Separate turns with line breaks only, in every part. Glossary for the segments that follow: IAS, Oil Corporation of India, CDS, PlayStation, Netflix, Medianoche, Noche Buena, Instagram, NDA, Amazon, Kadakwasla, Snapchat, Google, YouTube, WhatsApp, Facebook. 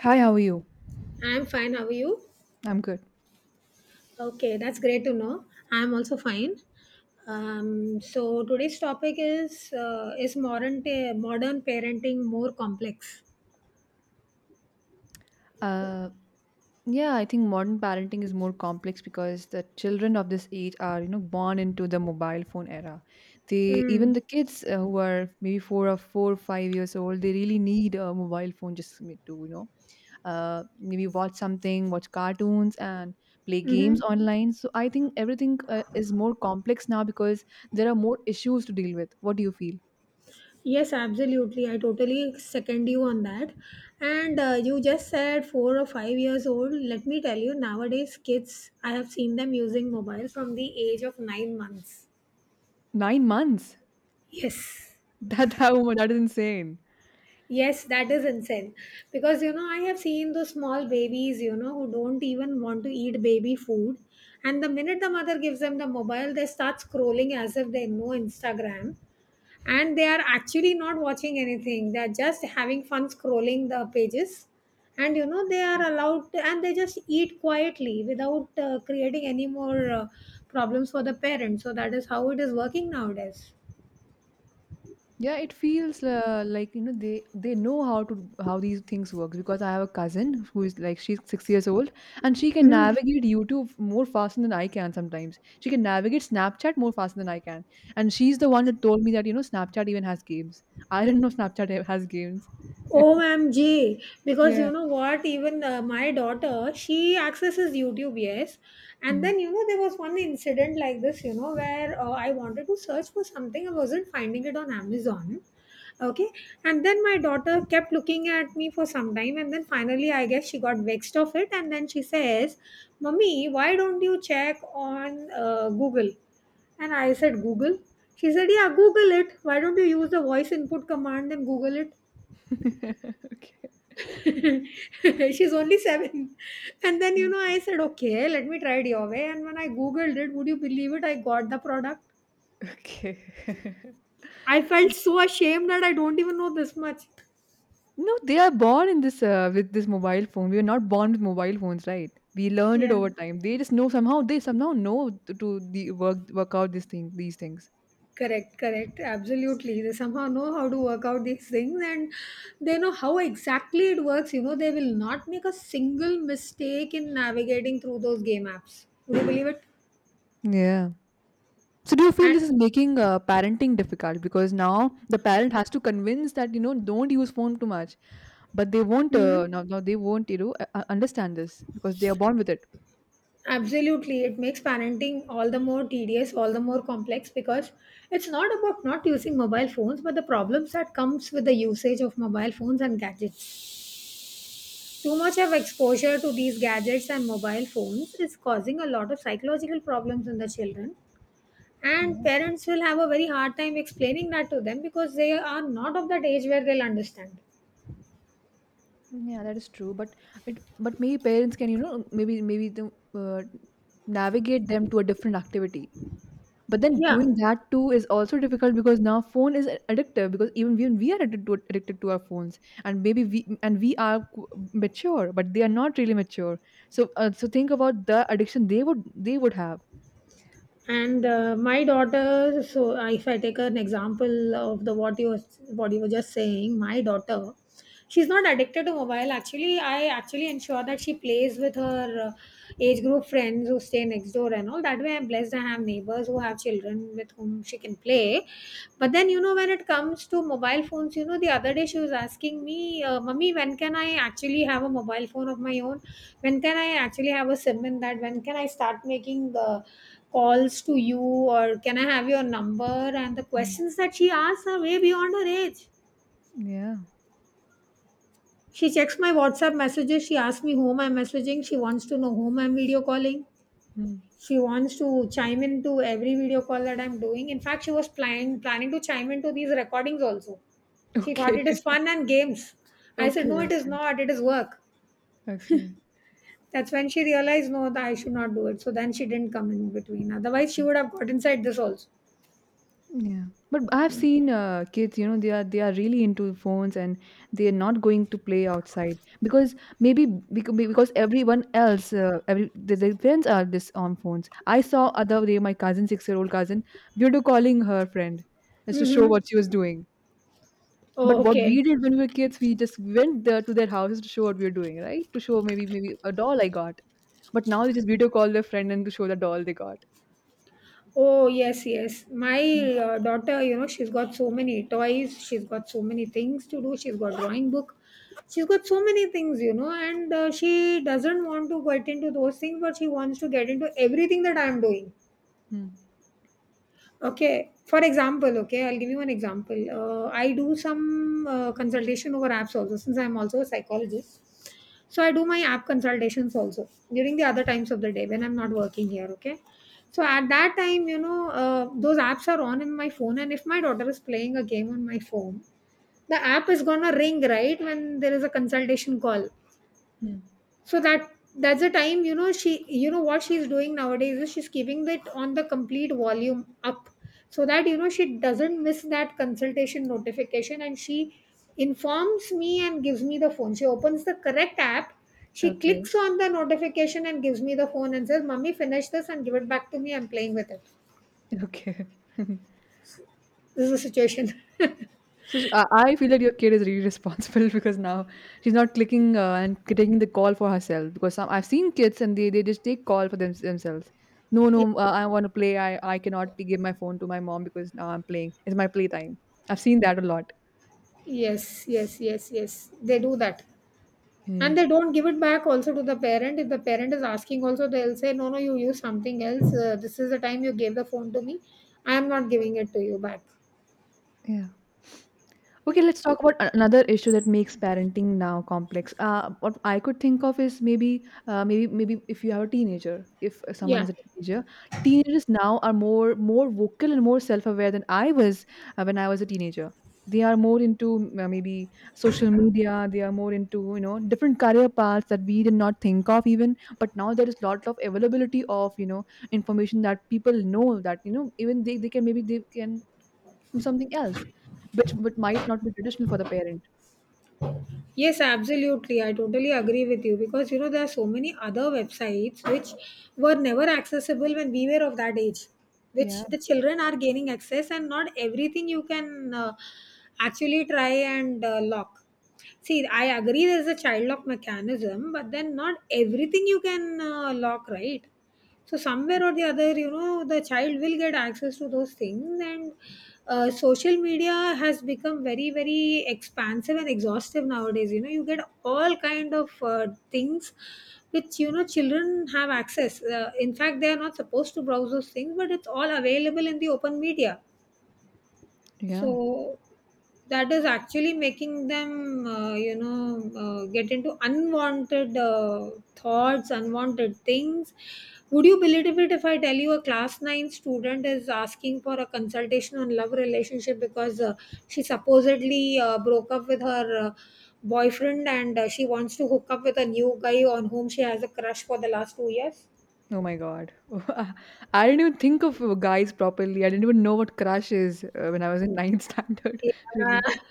Hi, how are you?
I'm fine. How are you?
I'm good.
Okay, that's great to know. I'm also fine. So today's topic is, is modern parenting more complex?
Uh, yeah, I think modern parenting is more complex because the children of this age are, you know, born into the mobile phone era. They Even
Mm.
the kids who are maybe four or five years old, they really need a mobile phone just to, maybe watch something, watch cartoons, and play games
Mm-hmm.
online. So I think everything is more complex now because there are more issues to deal with. What do you feel?
Yes, absolutely. I totally second you on that. And you just said 4 or 5 years old. Let me tell you, nowadays kids, I have seen them using mobile from the age of 9 months.
9 months?
Yes.
That how that is insane.
Yes, that is insane. Because, you know, I have seen those small babies, you know, who don't even want to eat baby food. And the minute the mother gives them the mobile, they start scrolling as if they know Instagram. And they are actually not watching anything. They're just having fun scrolling the pages. And, you know, they are allowed to, and they just eat quietly without creating any more problems for the parents. So that is how it is working nowadays.
Yeah, it feels like they know how to how these things works because I have a cousin who is like she's 6 years old and she can
Mhm.
navigate YouTube more faster than I can sometimes. She can navigate Snapchat more faster than I can, and she's the one who told me that Snapchat even has games. I didn't know Snapchat has games.
OMG, because
Yeah.
you know what, even my daughter, she accesses YouTube, yes. And
Hmm.
then, you know, there was one incident like this, you know, where I wanted to search for something, I wasn't finding it on Amazon, okay. And then my daughter kept looking at me for some time, and then finally, I guess she got vexed of it. And then she says, "Mummy, why don't you check on Google?" And I said, "Google?" She said, "Yeah, Google it. Why don't you use the voice input command and Google it?"
Okay.
She's only seven. And then, you know, I said, okay, let me try it your way. And when I Googled it, would you believe it? I got the product.
Okay.
I felt so ashamed that I don't even know this much.
No, they are born in this with this mobile phone. We were not born with mobile phones, right? We learned it
Yeah,
over time. They just know somehow. They somehow know to the work out these things.
correct. Absolutely. They somehow know how to work out these things, and they know how exactly it works. You know, they will not make a single mistake in navigating through those game apps. Would you believe it?
Yeah. So do you feel
And,
this is making parenting difficult because now the parent has to convince that don't use phone too much, but they won't.
hmm.
Now, they won't understand this because they are born with it.
Absolutely, it makes parenting all the more tedious, all the more complex because it's not about not using mobile phones, but the problems that comes with the usage of mobile phones and gadgets. Too much of exposure to these gadgets and mobile phones is causing a lot of psychological problems in the children, and
Yeah.
parents will have a very hard time explaining that to them because they are not of that age where they'll understand.
Yeah, that is true. But maybe parents can maybe navigate them to a different activity. But then
Yeah,
doing that too is also difficult because now phone is addictive because even we are addicted to our phones, and maybe we are mature but they are not really mature. So so think about the addiction they would have.
and my daughter, so if I take an example of the what you were just saying, my daughter, she's not addicted to mobile. Actually, I actually ensure that she plays with her age group friends who stay next door, and all that way I'm blessed, I have neighbors who have children with whom she can play. But then, you know, when it comes to mobile phones, you know, the other day she was asking me, mummy, when can I actually have a mobile phone of my own? When can I actually have a sim in that? When can I start making the calls to you, or can I have your number? And the
Mm.
questions that she asks are way beyond her age.
Yeah.
She checks my WhatsApp messages. She asks me whom I'm messaging. She wants to know whom I'm video calling.
Mm.
She wants to chime into every video call that I'm doing. In fact, she was planning to chime into these recordings also. She thought
Okay.
it is fun and games. I
Okay.
said, no, it is
Okay.
not. It is work.
Okay.
That's when she realized, no, that I should not do it. So then she didn't come in between. Otherwise, she would have got inside this also.
Yeah, but I've seen kids, they are really into phones and they are not going to play outside because maybe because everyone else, every the their friends are this on phones. I saw other day my cousin, 6 year old cousin, video calling her friend just to show
Mm-hmm.
what she was doing. But
Oh,
what we
okay.
did when we were kids, we just went there to their houses to show what we were doing, right? To show maybe a doll I got. But now they just video call their friend and to show the doll they got.
Oh, yes, yes. My
Mm.
daughter, you know, she's got so many toys, she's got so many things to do, she's got drawing book, she's got so many things, you know, and she doesn't want to get into those things, but she wants to get into everything that I'm doing.
Hmm.
Okay. For example, okay, I'll give you an example. I do some consultation over apps also, since I'm also a psychologist. So I do my app consultations also during the other times of the day when I'm not working here. Okay. So at that time, you know, those apps are on in my phone, and if my daughter is playing a game on my phone, the app is gonna ring right when there is a consultation call.
Hmm.
So that's the time, you know, she, you know what she's doing nowadays is she's keeping it on the complete volume up so that, you know, she doesn't miss that consultation notification, and she informs me and gives me the phone. She opens the correct app, she
Okay.
clicks on the notification and gives me the phone and says, "Mummy, finish this and give it back to me. I'm playing with it."
Okay.
This is the situation.
So I feel that your kid is really responsible because now she's not clicking taking the call for herself. Because I've seen kids and they just take call for themselves. No, no, I want to play. I cannot give my phone to my mom because now I'm playing. It's my playtime. I've seen that a lot.
Yes, yes, yes, yes. They do that.
Yeah.
And they don't give it back also to the parent. If the parent is asking also, they'll say, no, no, you use something else. This is the time you gave the phone to me. I am not giving it to you back.
Yeah. Okay,
Yeah.
let's talk about another issue that makes parenting now complex. What I could think of is maybe if you have a teenager, if someone
Yeah.
has a teenager, teenagers now are more vocal and more self-aware than I was when I was a teenager. They are more into maybe social media. They are more into different career paths that we did not think of even. But now there is lot of availability of information that people know that even they can to something else, which might not be traditional for the parent.
Yes, absolutely. I totally agree with you, because you know there are so many other websites which were never accessible when we were of that age,
Yeah,
which the children are gaining access, and not everything you can actually try and lock. See, I agree there's a child lock mechanism, but then not everything you can lock, right? So somewhere or the other, you know, the child will get access to those things, and social media has become very, very expansive and exhaustive nowadays. You know, you get all kind of things which, you know, children have access. In fact, they are not supposed to browse those things, but it's all available in the open media,
yeah.
so that is actually making them, you know, get into unwanted thoughts, unwanted things. Would you believe it if I tell you a class 9 student is asking for a consultation on love relationship because she supposedly broke up with her boyfriend, and she wants to hook up with a new guy on whom she has a crush for the last 2 years?
Oh my God. I didn't even think of guys properly. I didn't even know what crush is when I was in ninth standard,
Yeah.
really.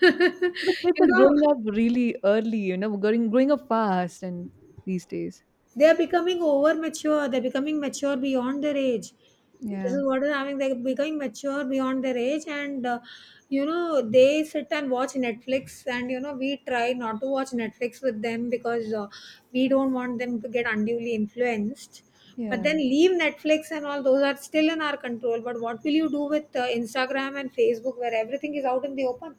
So the kids
You
are
know,
growing up really early, you know, growing up fast and these days.
they are becoming over mature. They're becoming mature beyond their age. This
Yeah,
is what is having. They're becoming mature beyond their age, and you know they sit and watch Netflix. And you know we try not to watch Netflix with them because we don't want them to get unduly influenced. But then
yeah.
leave Netflix and all those are still in our control. But what will you do with Instagram and Facebook, where everything is out in the open?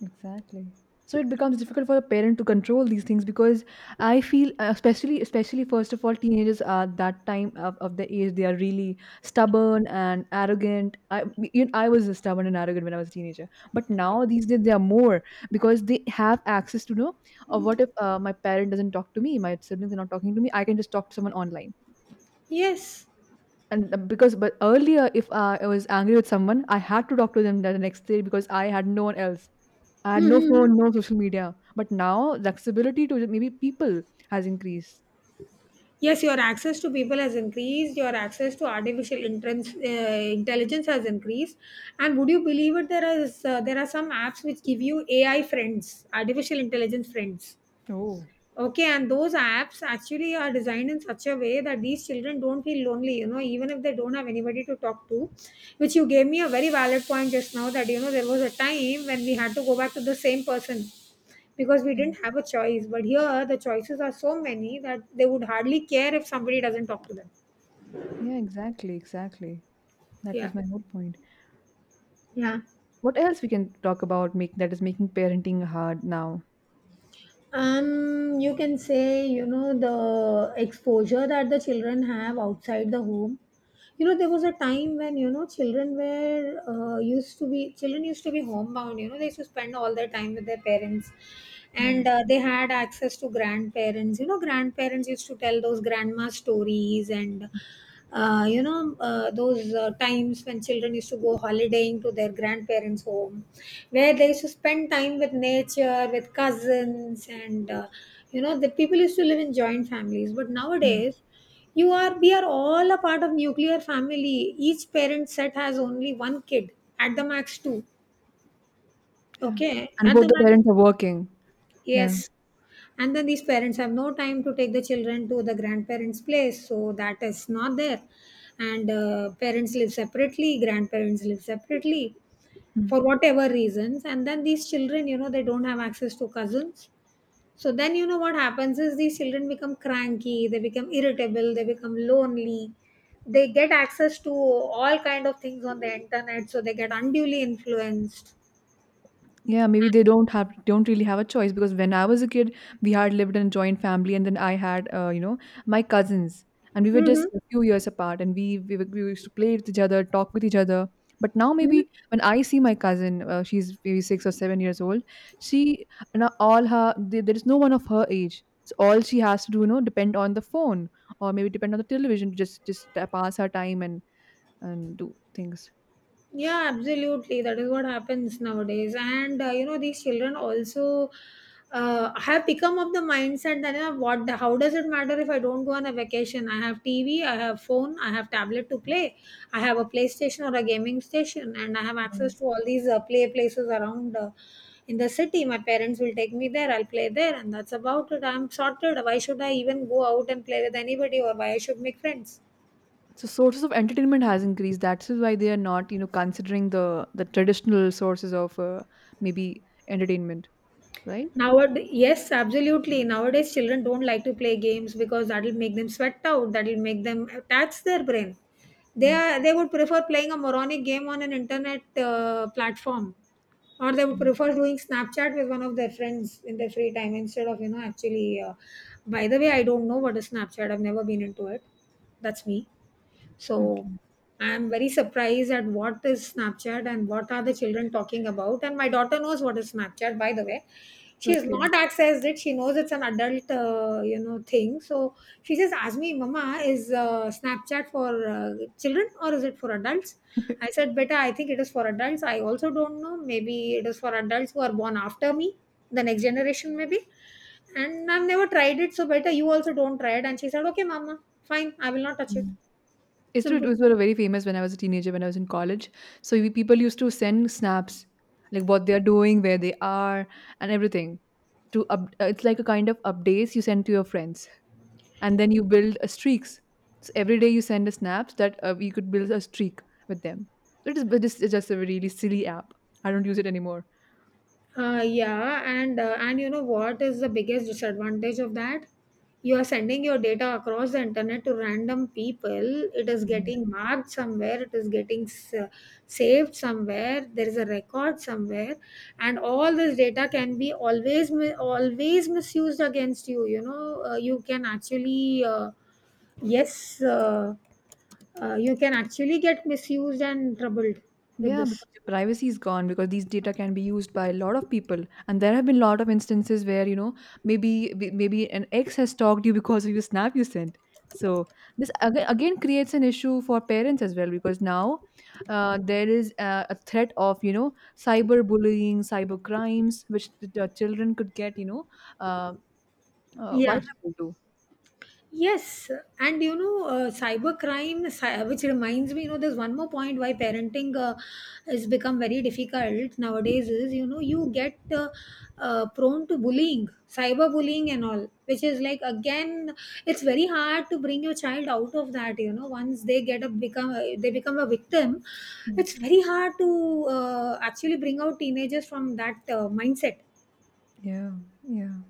Exactly. So it becomes difficult for the parent to control these things because I feel, especially first of all, teenagers are that time of the age they are really stubborn and arrogant. I was stubborn and arrogant when I was a teenager, but now these days they are more because they have access to know. Or what if my parent doesn't talk to me, my siblings are not talking to me? I can just talk to someone online.
Yes.
And uh, because but earlier, if I was angry with someone I had to talk to them the next day because I had no one else. I had no
Hmm.
phone, no social media. But now the accessibility to maybe people has increased.
Yes, your access to people has increased, your access to artificial entrance, intelligence has increased. And would you believe it, there are some apps which give you AI friends, artificial intelligence friends.
Oh.
Okay, and those apps actually are designed in such a way that these children don't feel lonely, you know, even if they don't have anybody to talk to. Which you gave me a very valid point just now that, you know, there was a time when we had to go back to the same person because we
Mm.
didn't have a choice. But here, the choices are so many that they would hardly care if somebody doesn't talk to them.
Yeah, exactly, exactly. That
Yeah.
was my whole point.
Yeah.
What else we can talk about make that is making parenting hard now?
You can say, you know, the exposure that the children have outside the home. You know there was a time when, you know, children used to be homebound, you know, they used to spend all their time with their parents,
Yeah,
and they had access to grandparents, you know, grandparents used to tell those grandma stories, and you know those times when children used to go holidaying to their grandparents home, where they used to spend time with nature, with cousins, and you know the people used to live in joint families. But
yeah,
nowadays we are all a part of nuclear family. Each parent set has only one kid, at the max two.
yeah.
Okay,
And
at
both
the
the
max,
parents are working. Yeah.
yes. And then these parents have no time to take the children to the grandparents' place, so that is not there. And parents live separately, grandparents live separately
Hmm.
for whatever reasons. And then these children, you know, they don't have access to cousins. So then, you know, what happens is these children become cranky, they become irritable, they become lonely. They get access to all kind of things on the internet, so they get unduly influenced.
Yeah, maybe they don't really have a choice because when I was a kid, we had lived in a joint family, and then I had my cousins, and we were just
Mm-hmm.
a few years apart, and we used to play with each other, talk with each other. But now maybe when I see my cousin, she's maybe 6 or 7 years old. She now all her There is no one of her age, so all she has to do depend on the phone or maybe depend on the television to just pass her time and do things.
Yeah, absolutely. That is what happens nowadays. And these children also have become of the mindset that how does it matter if I don't go on a vacation? I have TV, I have phone, I have tablet to play, I have a PlayStation or a gaming station, and I have access to all these play places around. In the city, my parents will take me there. I'll play there, and that's about it. I'm sorted. Why should I even go out and play with anybody, or why I should make friends?
So sources of entertainment has increased. That's why they are not, considering the traditional sources of maybe entertainment, right?
Nowadays, yes, absolutely. Nowadays, children don't like to play games because that'll make them sweat out. That'll make them tax their brain.
Mm,
They would prefer playing a moronic game on an internet platform, or they would
mm.
prefer doing Snapchat with one of their friends in their free time instead of actually. By the way, I don't know what is Snapchat. I've never been into it. That's me. So
Okay.
I'm very surprised at what is Snapchat and what are the children talking about. And my daughter knows what is Snapchat, by the way. She has
Okay.
not accessed it. She knows it's an adult, thing. So she just asked me, "Mama, is Snapchat for children or is it for adults?" I said, "Beta, I think it is for adults. I also don't know. Maybe it is for adults who are born after me, the next generation, maybe. And I've never tried it, so beta, you also don't try it." And she said, "Okay, Mama, fine. I will not touch it.
Mm. It's true. It
Simple."
was were very famous when I was a teenager, when I was in college. So people used to send snaps, like what they are doing, where they are, and everything. It's like a kind of updates you send to your friends. And then you build a streaks. So every day you send a snaps that you could build a streak with them. So it is, but it's just a really silly app. I don't use it anymore.
Yeah, and you know what is the biggest disadvantage of that? You are sending your data across the internet to random people. It is getting marked somewhere. It is getting saved somewhere. There is a record somewhere, and all this data can be always always misused against you. You know, you can actually yes, uh, you can actually get misused and troubled with
Yeah,
this.
because your privacy is gone because these data can be used by a lot of people, and there have been a lot of instances where maybe an ex has stalked you because of your snap you sent. So this again creates an issue for parents as well because now there is a threat of cyber bullying, cyber crimes, which the children could get uh,
Yeah.
vulnerable to.
Yes, and you know, cybercrime, which reminds me, you know, there's one more point why parenting has become very difficult nowadays is, you know, you get prone to bullying, cyberbullying and all, which is like, again, it's very hard to bring your child out of that, you know, once they they become a victim, it's very hard to actually bring out teenagers from that mindset.
Yeah, yeah.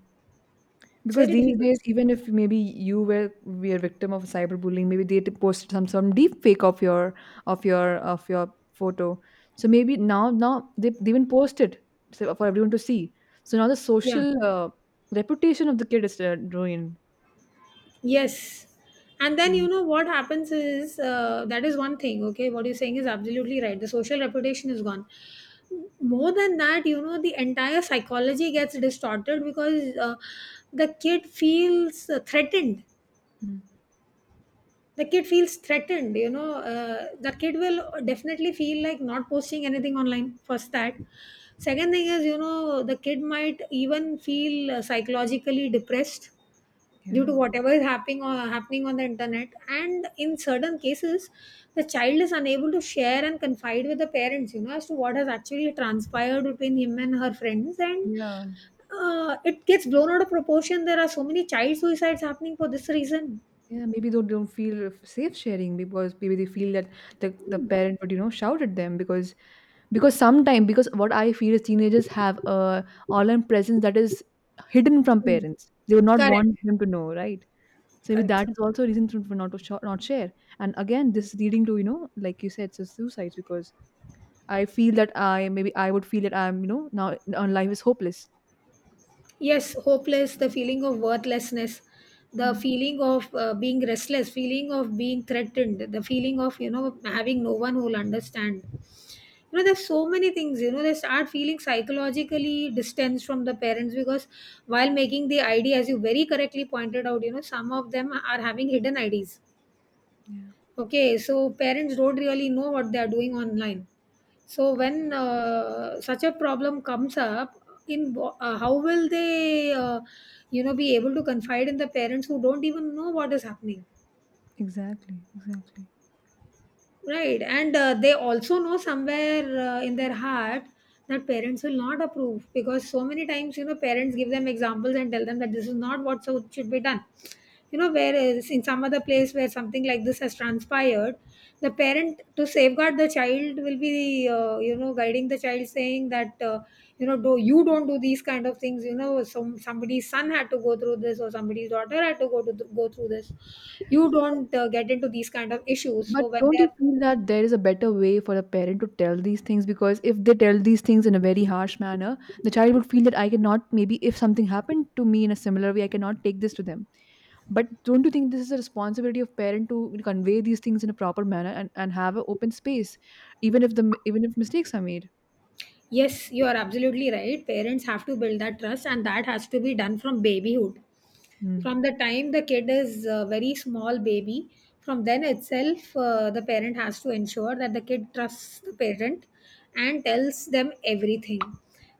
It's
Because
very
these
difficult.
days, even if maybe you were victim of cyberbullying, maybe they posted some deep fake of your of your of your photo. So maybe now they even post it so for everyone to see. So now the
Yeah.
social reputation of the kid is ruined.
Yes. And then
Mm.
you know what happens is that is one thing, okay? What you're saying is absolutely right. The social reputation is gone. More than that, you know, the entire psychology gets distorted because the kid feels threatened.
Mm.
The kid feels threatened, you know. The kid will definitely feel like not posting anything online, first that. Second thing is, you know, the kid might even feel psychologically depressed due
Yeah.
to whatever is happening or happening on the internet, and in certain cases the child is unable to share and confide with the parents, you know, as to what has actually transpired between him and her friends, and
Yeah.
it gets blown out of proportion. There are so many child suicides happening for this reason.
Yeah, maybe they don't feel safe sharing because maybe they feel that the parent would, shout at them because sometimes because what I feel is teenagers have a online presence that is hidden from
Mm.
parents. They would not
Correct.
want them to know, right? So maybe
Correct.
that is also a reason for not not share. And again, this is leading to like you said, so suicides because I feel that I maybe I would feel that I'm you know now life is hopeless.
Yes, hopeless, the feeling of worthlessness, the
Yeah,
feeling of being restless, feeling of being threatened, the feeling of, you know, having no one who will understand. You know, there's so many things, you know, they start feeling psychologically distanced from the parents because while making the id, as you very correctly pointed out, you know, some of them are having hidden ids,
yeah,
okay? So parents don't really know what they are doing online. So when such a problem comes up, how will they you know be able to confide in the parents who don't even know what is happening.
exactly, exactly.
Right, and they also know somewhere in their heart that parents will not approve because so many times, you know, parents give them examples and tell them that this is not what so should be done. You know, whereas in some other place where something like this has transpired, the parent to safeguard the child will be, guiding the child saying that, you know, do you don't do these kind of things. You know, somebody's son had to go through this, or somebody's daughter had to go through this. You don't get into these kind of issues.
But
So when
don't
they
you
are...
feel that there is a better way for a parent to tell these things? Because if they tell these things in a very harsh manner, the child would feel that I cannot, maybe if something happened to me in a similar way, I cannot take this to them. But don't you think this is a responsibility of parent to convey these things in a proper manner and have an open space, even if the even if mistakes are made?
Yes, you are absolutely right. Parents have to build that trust, and that has to be done from babyhood.
Mm.
From the time the kid is a very small baby, from then itself, the parent has to ensure that the kid trusts the parent and tells them everything.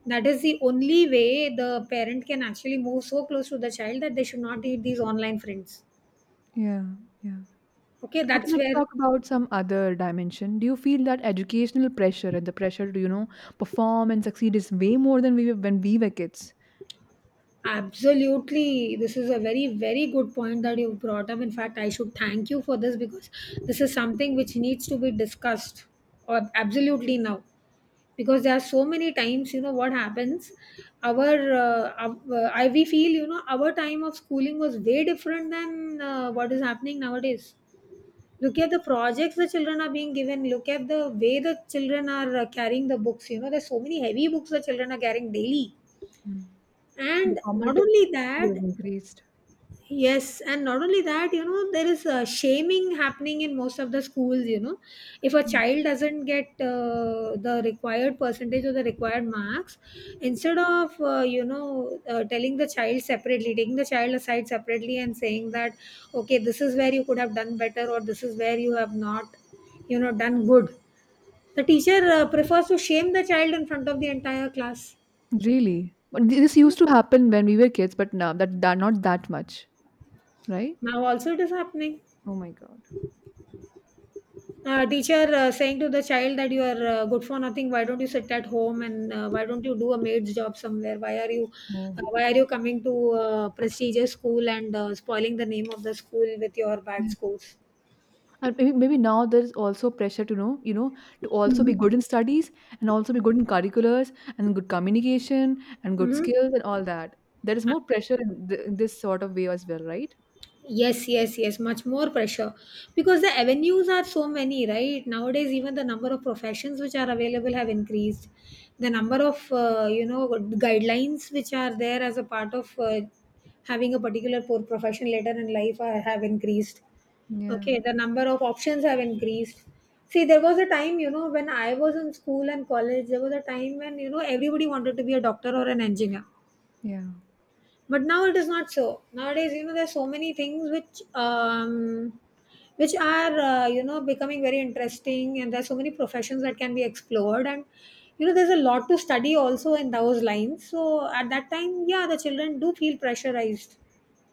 That is the only way the parent can actually move so close to the child that they should not need these online friends.
Yeah, yeah.
Okay,
Okay,
that's
let's
where...
talk about some other dimension. Do you feel that educational pressure and the pressure to perform and succeed is way more than we were when we were kids?
Absolutely. This is a very, very good point that you've brought up. In fact, I should thank you for this because this is something which needs to be discussed absolutely now. Because there are so many times, you know, what happens, our, uh, we feel, you know, our time of schooling was way different than what is happening nowadays. Look at the projects the children are being given. Look at the way the children are carrying the books. You know, there's so many heavy books the children are carrying daily.
The
And not
competitive
only
pressure
that...
has increased.
Yes, and not only that, you know, there is shaming happening in most of the schools. You know, if a
Mm.
child doesn't get the required percentage or the required marks, instead of telling the child separately, taking the child aside separately, and saying that, okay, this is where you could have done better, or this is where you have not, you know, done good. The teacher prefers to shame the child in front of the entire class.
Really? But this used to happen when we were kids, but now that not that much, right?
Now also it is happening.
Oh my God.
Teacher saying to the child that you are good for nothing, why don't you sit at home, and why don't you do a maid's job somewhere? Why are you
Oh.
why are you coming to prestigious school and spoiling the name of the school with your bad
Yeah.
scores?
And maybe now there's also pressure to know, to also be
Mhm.
good in studies and also be good in curriculars and good communication and good
Mm-hmm.
skills and all that. There is more pressure
Absolutely.
in this sort of way as well, right?
Yes, yes, yes, much more pressure because the avenues are so many, right? Nowadays, even the number of professions which are available have increased. The number of, guidelines which are there as a part of having a particular profession later in life are, have increased.
Yeah,
Okay, the number of options have increased. See, there was a time, you know, when I was in school and college, there was a time when, you know, everybody wanted to be a doctor or an engineer,
yeah.
but now it is not so. Nowadays, you know, there's so many things which are you know becoming very interesting, and there's so many professions that can be explored, and you know there's a lot to study also in those lines, so at that time, yeah, the children do feel pressurized.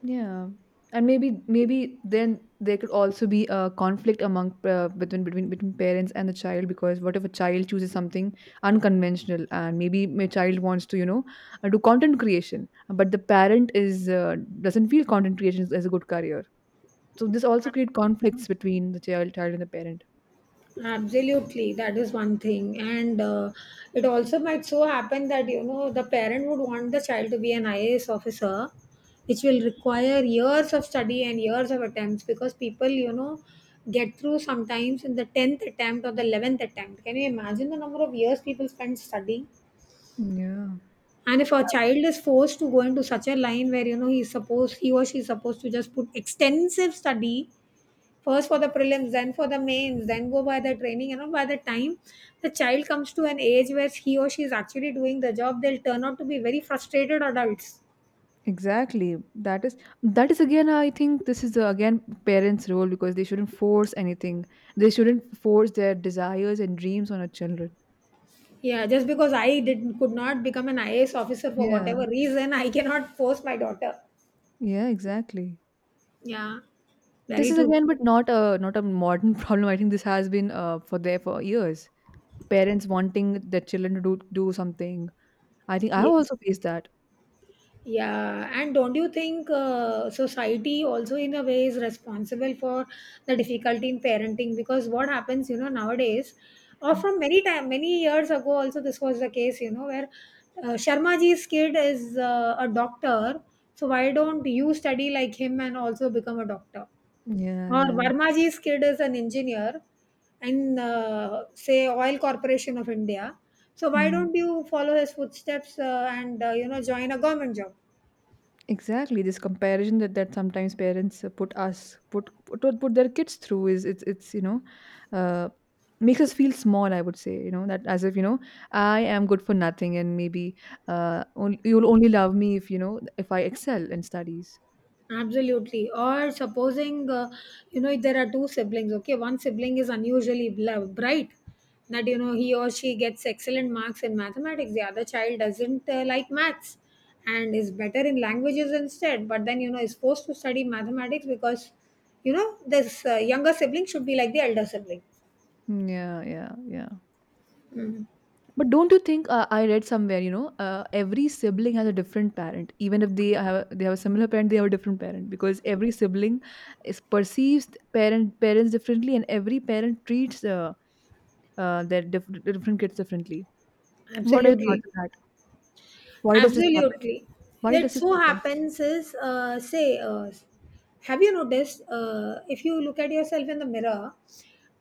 Yeah, and maybe then there could also be a conflict among between parents and the child. Because what if a child chooses something unconventional and maybe my child wants to do content creation, but the parent is doesn't feel content creation is a good career, so this also create conflicts between the child and the parent.
Absolutely, that is one thing, and it also might so happen that you know the parent would want the child to be an IAS officer, which will require years of study and years of attempts because people you know get through sometimes in the tenth attempt or the eleventh attempt. Can you imagine the number of years people spend studying?
Yeah.
And if a child is forced to go into such a line where you know he's supposed, he or she is supposed to just put extensive study, first for the prelims, then for the mains, then go by the training. You know, by the time the child comes to an age where he or she is actually doing the job, they'll turn out to be very frustrated adults.
Exactly. That is again, I think this is again parents' role, because they shouldn't force anything. They shouldn't force their desires and dreams on our children.
Yeah, just because I did could not become an IAS officer for
Yeah.
whatever reason, I cannot force my daughter.
Yeah, exactly.
Yeah,
This
very
is
true.
again, but not a not a modern problem. I think this has been for there for years. Parents wanting their children to do something. I think I have
Yes.
also faced that.
Yeah, and don't you think society also in a way is responsible for the difficulty in parenting? Because what happens, you know, nowadays, or
Mm.
from many time, many years ago, also this was the case, you know, where Sharmaji's kid is a doctor, so why don't you study like him and also become a doctor?
Yeah,
Or
yeah.
Varmaji's kid is an engineer, and say Oil Corporation of India, so why don't you follow his footsteps and you know join a government job?
Exactly, this comparison that sometimes parents put us put, put put their kids through, is it's you know, uh, makes us feel small. I would say, you know, that as if, you know, I am good for nothing, and maybe you'll only love me, if you know, if I excel in studies.
Absolutely. Or supposing, if there are two siblings, okay, one sibling is unusually bright, that, you know, he or she gets excellent marks in mathematics, the other child doesn't like maths and is better in languages instead, but then, is forced to study mathematics because, you know, this younger sibling should be like the elder sibling.
Mm, yeah, yeah, yeah. But don't you think, I read somewhere, you know, every sibling has a different parent. Even if they they have a similar parent, they have a different parent, because every sibling is perceives parents differently, and every parent treats their different kids differently. What are your
Absolutely.
thoughts on that? Why does this happen?
Absolutely.
Why does
It
this
so
happen?
happens is, uh, say, uh, Have you noticed, if you look at yourself in the mirror,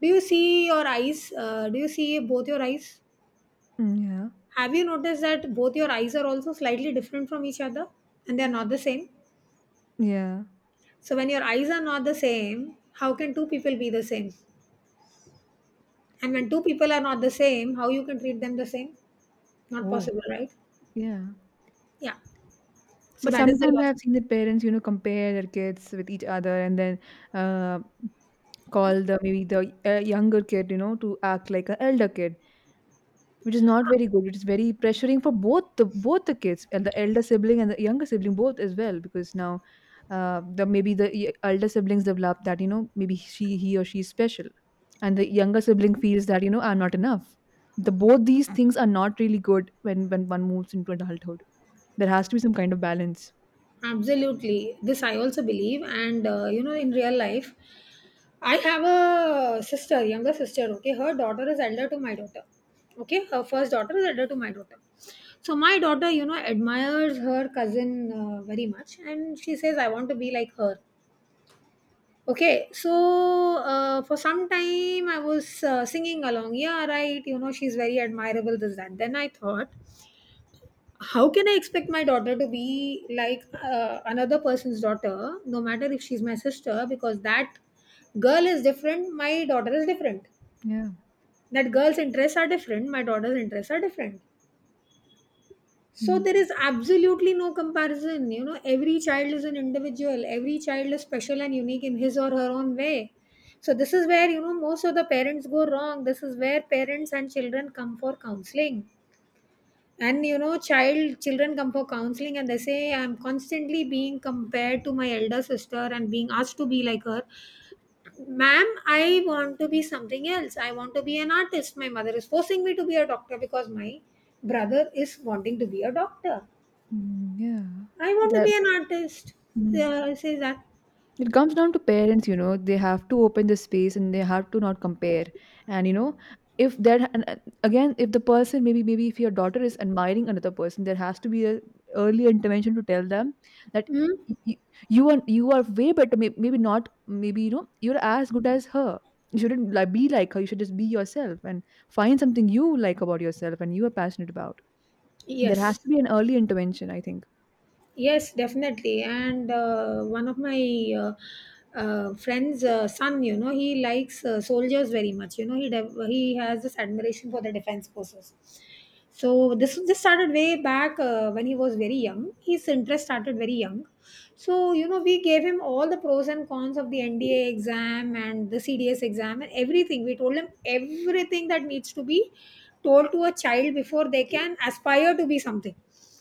do you see your eyes? Do you see both your eyes?
Mm, yeah.
Have you noticed that both your eyes are also slightly different from each other and they're not the same?
Yeah.
So, when your eyes are not the same, how can two people be the same? And when two people are not the same, how you can treat them the same? Not
Oh,
possible, right?
yeah.
Yeah. So,
But
that is the
sometimes
logic.
I've seen that parents, you know, compare their kids with each other, and then uh, call the maybe the younger kid, you know, to act like an elder kid. Which is not very good. It is very pressuring for both the kids, and the elder sibling and the younger sibling both, as well, because now the maybe the elder siblings develop that, you know, maybe she he or she is special, and the younger sibling feels that, you know, I'm not enough. The both these things are not really good when one moves into adulthood. There has to be some kind of balance.
Absolutely. This I also believe. And, you know, in real life, I have a sister, younger sister, okay? Her daughter is elder to my daughter. Okay? Her first daughter is elder to my daughter. So my daughter, you know, admires her cousin very much. And she says, I want to be like her. Okay, so for some time I was singing along. Yeah, right. You know, she's very admirable, this, that. Then I thought, how can I expect my daughter to be like another person's daughter, no matter if she's my sister, because that girl is different, my daughter is different.
Yeah.
That girl's interests are different, my daughter's interests are different. So
Mm.
there is absolutely no comparison. You know, every child is an individual, every child is special and unique in his or her own way. So this is where, you know, most of the parents go wrong. This is where parents and children come for counseling. And you know, children come for counseling and they say, I'm constantly being compared to my elder sister and being asked to be like her. Ma'am, I want to be something else. I want to be an artist. My mother is forcing me to be a doctor because my brother is wanting to be a doctor.
Mm, yeah.
I want to
That.
be an artist.
Mm-hmm.
Say that.
It comes down to parents, you know, they have to open the space and they have to not compare. And, you know, if that, and again, if the person, maybe if your daughter is admiring another person, there has to be a early intervention to tell them that
Hmm?
y- y- you are way better, maybe not, maybe, you know, you're as good as her. You shouldn't, like, be like her. You should just be yourself and find something you like about yourself and you are passionate about. There has
Yes.
to be an early intervention, I think.
Yes, definitely. And one of my friend's son, you know, he likes soldiers very much. You know, he has this admiration for the defense forces. So this started way back when he was very young. His interest started very young. So you know, we gave him all the pros and cons of the NDA exam and the CDS exam and everything. We told him everything that needs to be told to a child before they can aspire to be something.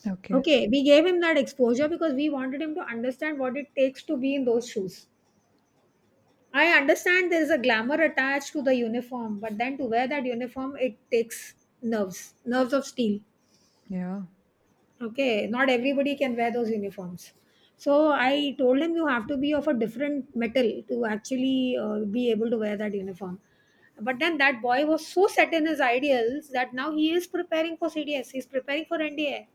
Okay.
Okay, we gave him that exposure because we wanted him to understand what it takes to be in those shoes. I understand there is a glamour attached to the uniform, but then to wear that uniform, it takes nerves, nerves of steel.
Yeah.
Okay, not everybody can wear those uniforms. So I told him you have to be of a different metal to actually be able to wear that uniform. But then that boy was so set in his ideals that now he is preparing for CDS, he's preparing for NDA,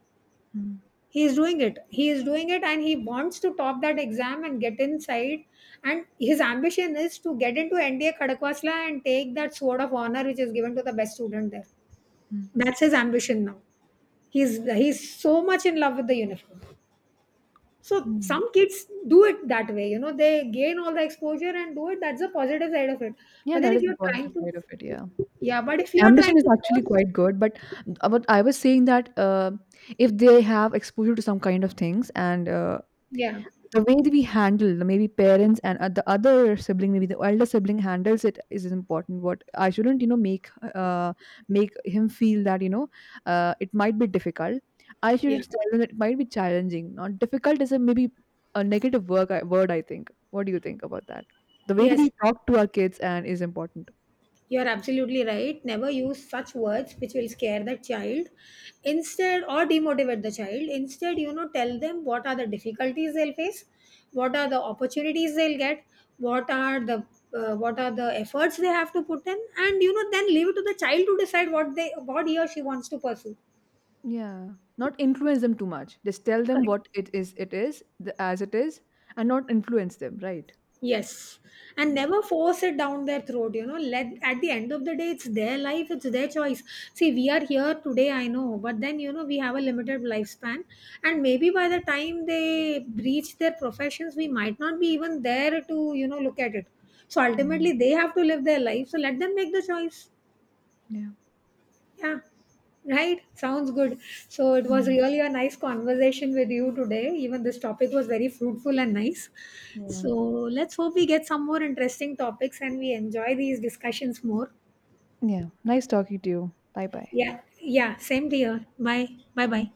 Mm-hmm.
he is doing it and he wants to top that exam and get inside, and his ambition is to get into NDA Kadakwasla and take that sword of honor, which is given to the best student there. That's his ambition now. he's he's so much in love with the uniform. So
Mm-hmm.
some kids do it that way, you know, they gain all the exposure and do it. That's the positive side of it.
Yeah,
But then
that
if
is the
you're
positive
trying to
side of it. Yeah,
Yeah, but if you are
ambition
trying
is
to
actually
force.
quite good, but I was saying that if they have exposure to some kind of things, and
yeah
the way that we handle, maybe parents and the other sibling, maybe the elder sibling handles it, is important. What I shouldn't, you know, make make him feel that, you know, it might be difficult. I
yeah.
should tell him that it might be challenging. Not difficult is a maybe a negative word. Word, I think. What do you think about that? The way that
Yes,
we talk to our kids and is important.
you are absolutely right. Never use such words which will scare the child instead or demotivate the child. Instead, you know, tell them what are the difficulties they'll face, what are the opportunities they'll get, what are the what are the efforts they have to put in, and you know, then leave it to the child to decide what he or she wants to pursue.
Yeah, not influence them too much. Just tell them what it is the, as it is, and not influence them, right?
Yes, and
Yeah.
never force it down their throat. You know, let at the end of the day, it's their life, it's their choice. See, we are here today, I know, but then you know, we have a limited lifespan, and maybe by the time they reach their professions, we might not be even there to, you know, look at it. So
Mm.
ultimately, they have to live their life. So let them make the choice.
Yeah.
Yeah, right. Sounds good. So it was
Mm.
really a nice conversation with you today. Even this topic was very fruitful and nice.
Yeah.
So let's hope we get some more interesting topics and we enjoy these discussions more.
Yeah. Nice talking to you. Bye bye.
Yeah, yeah, same to you. Bye. Bye bye.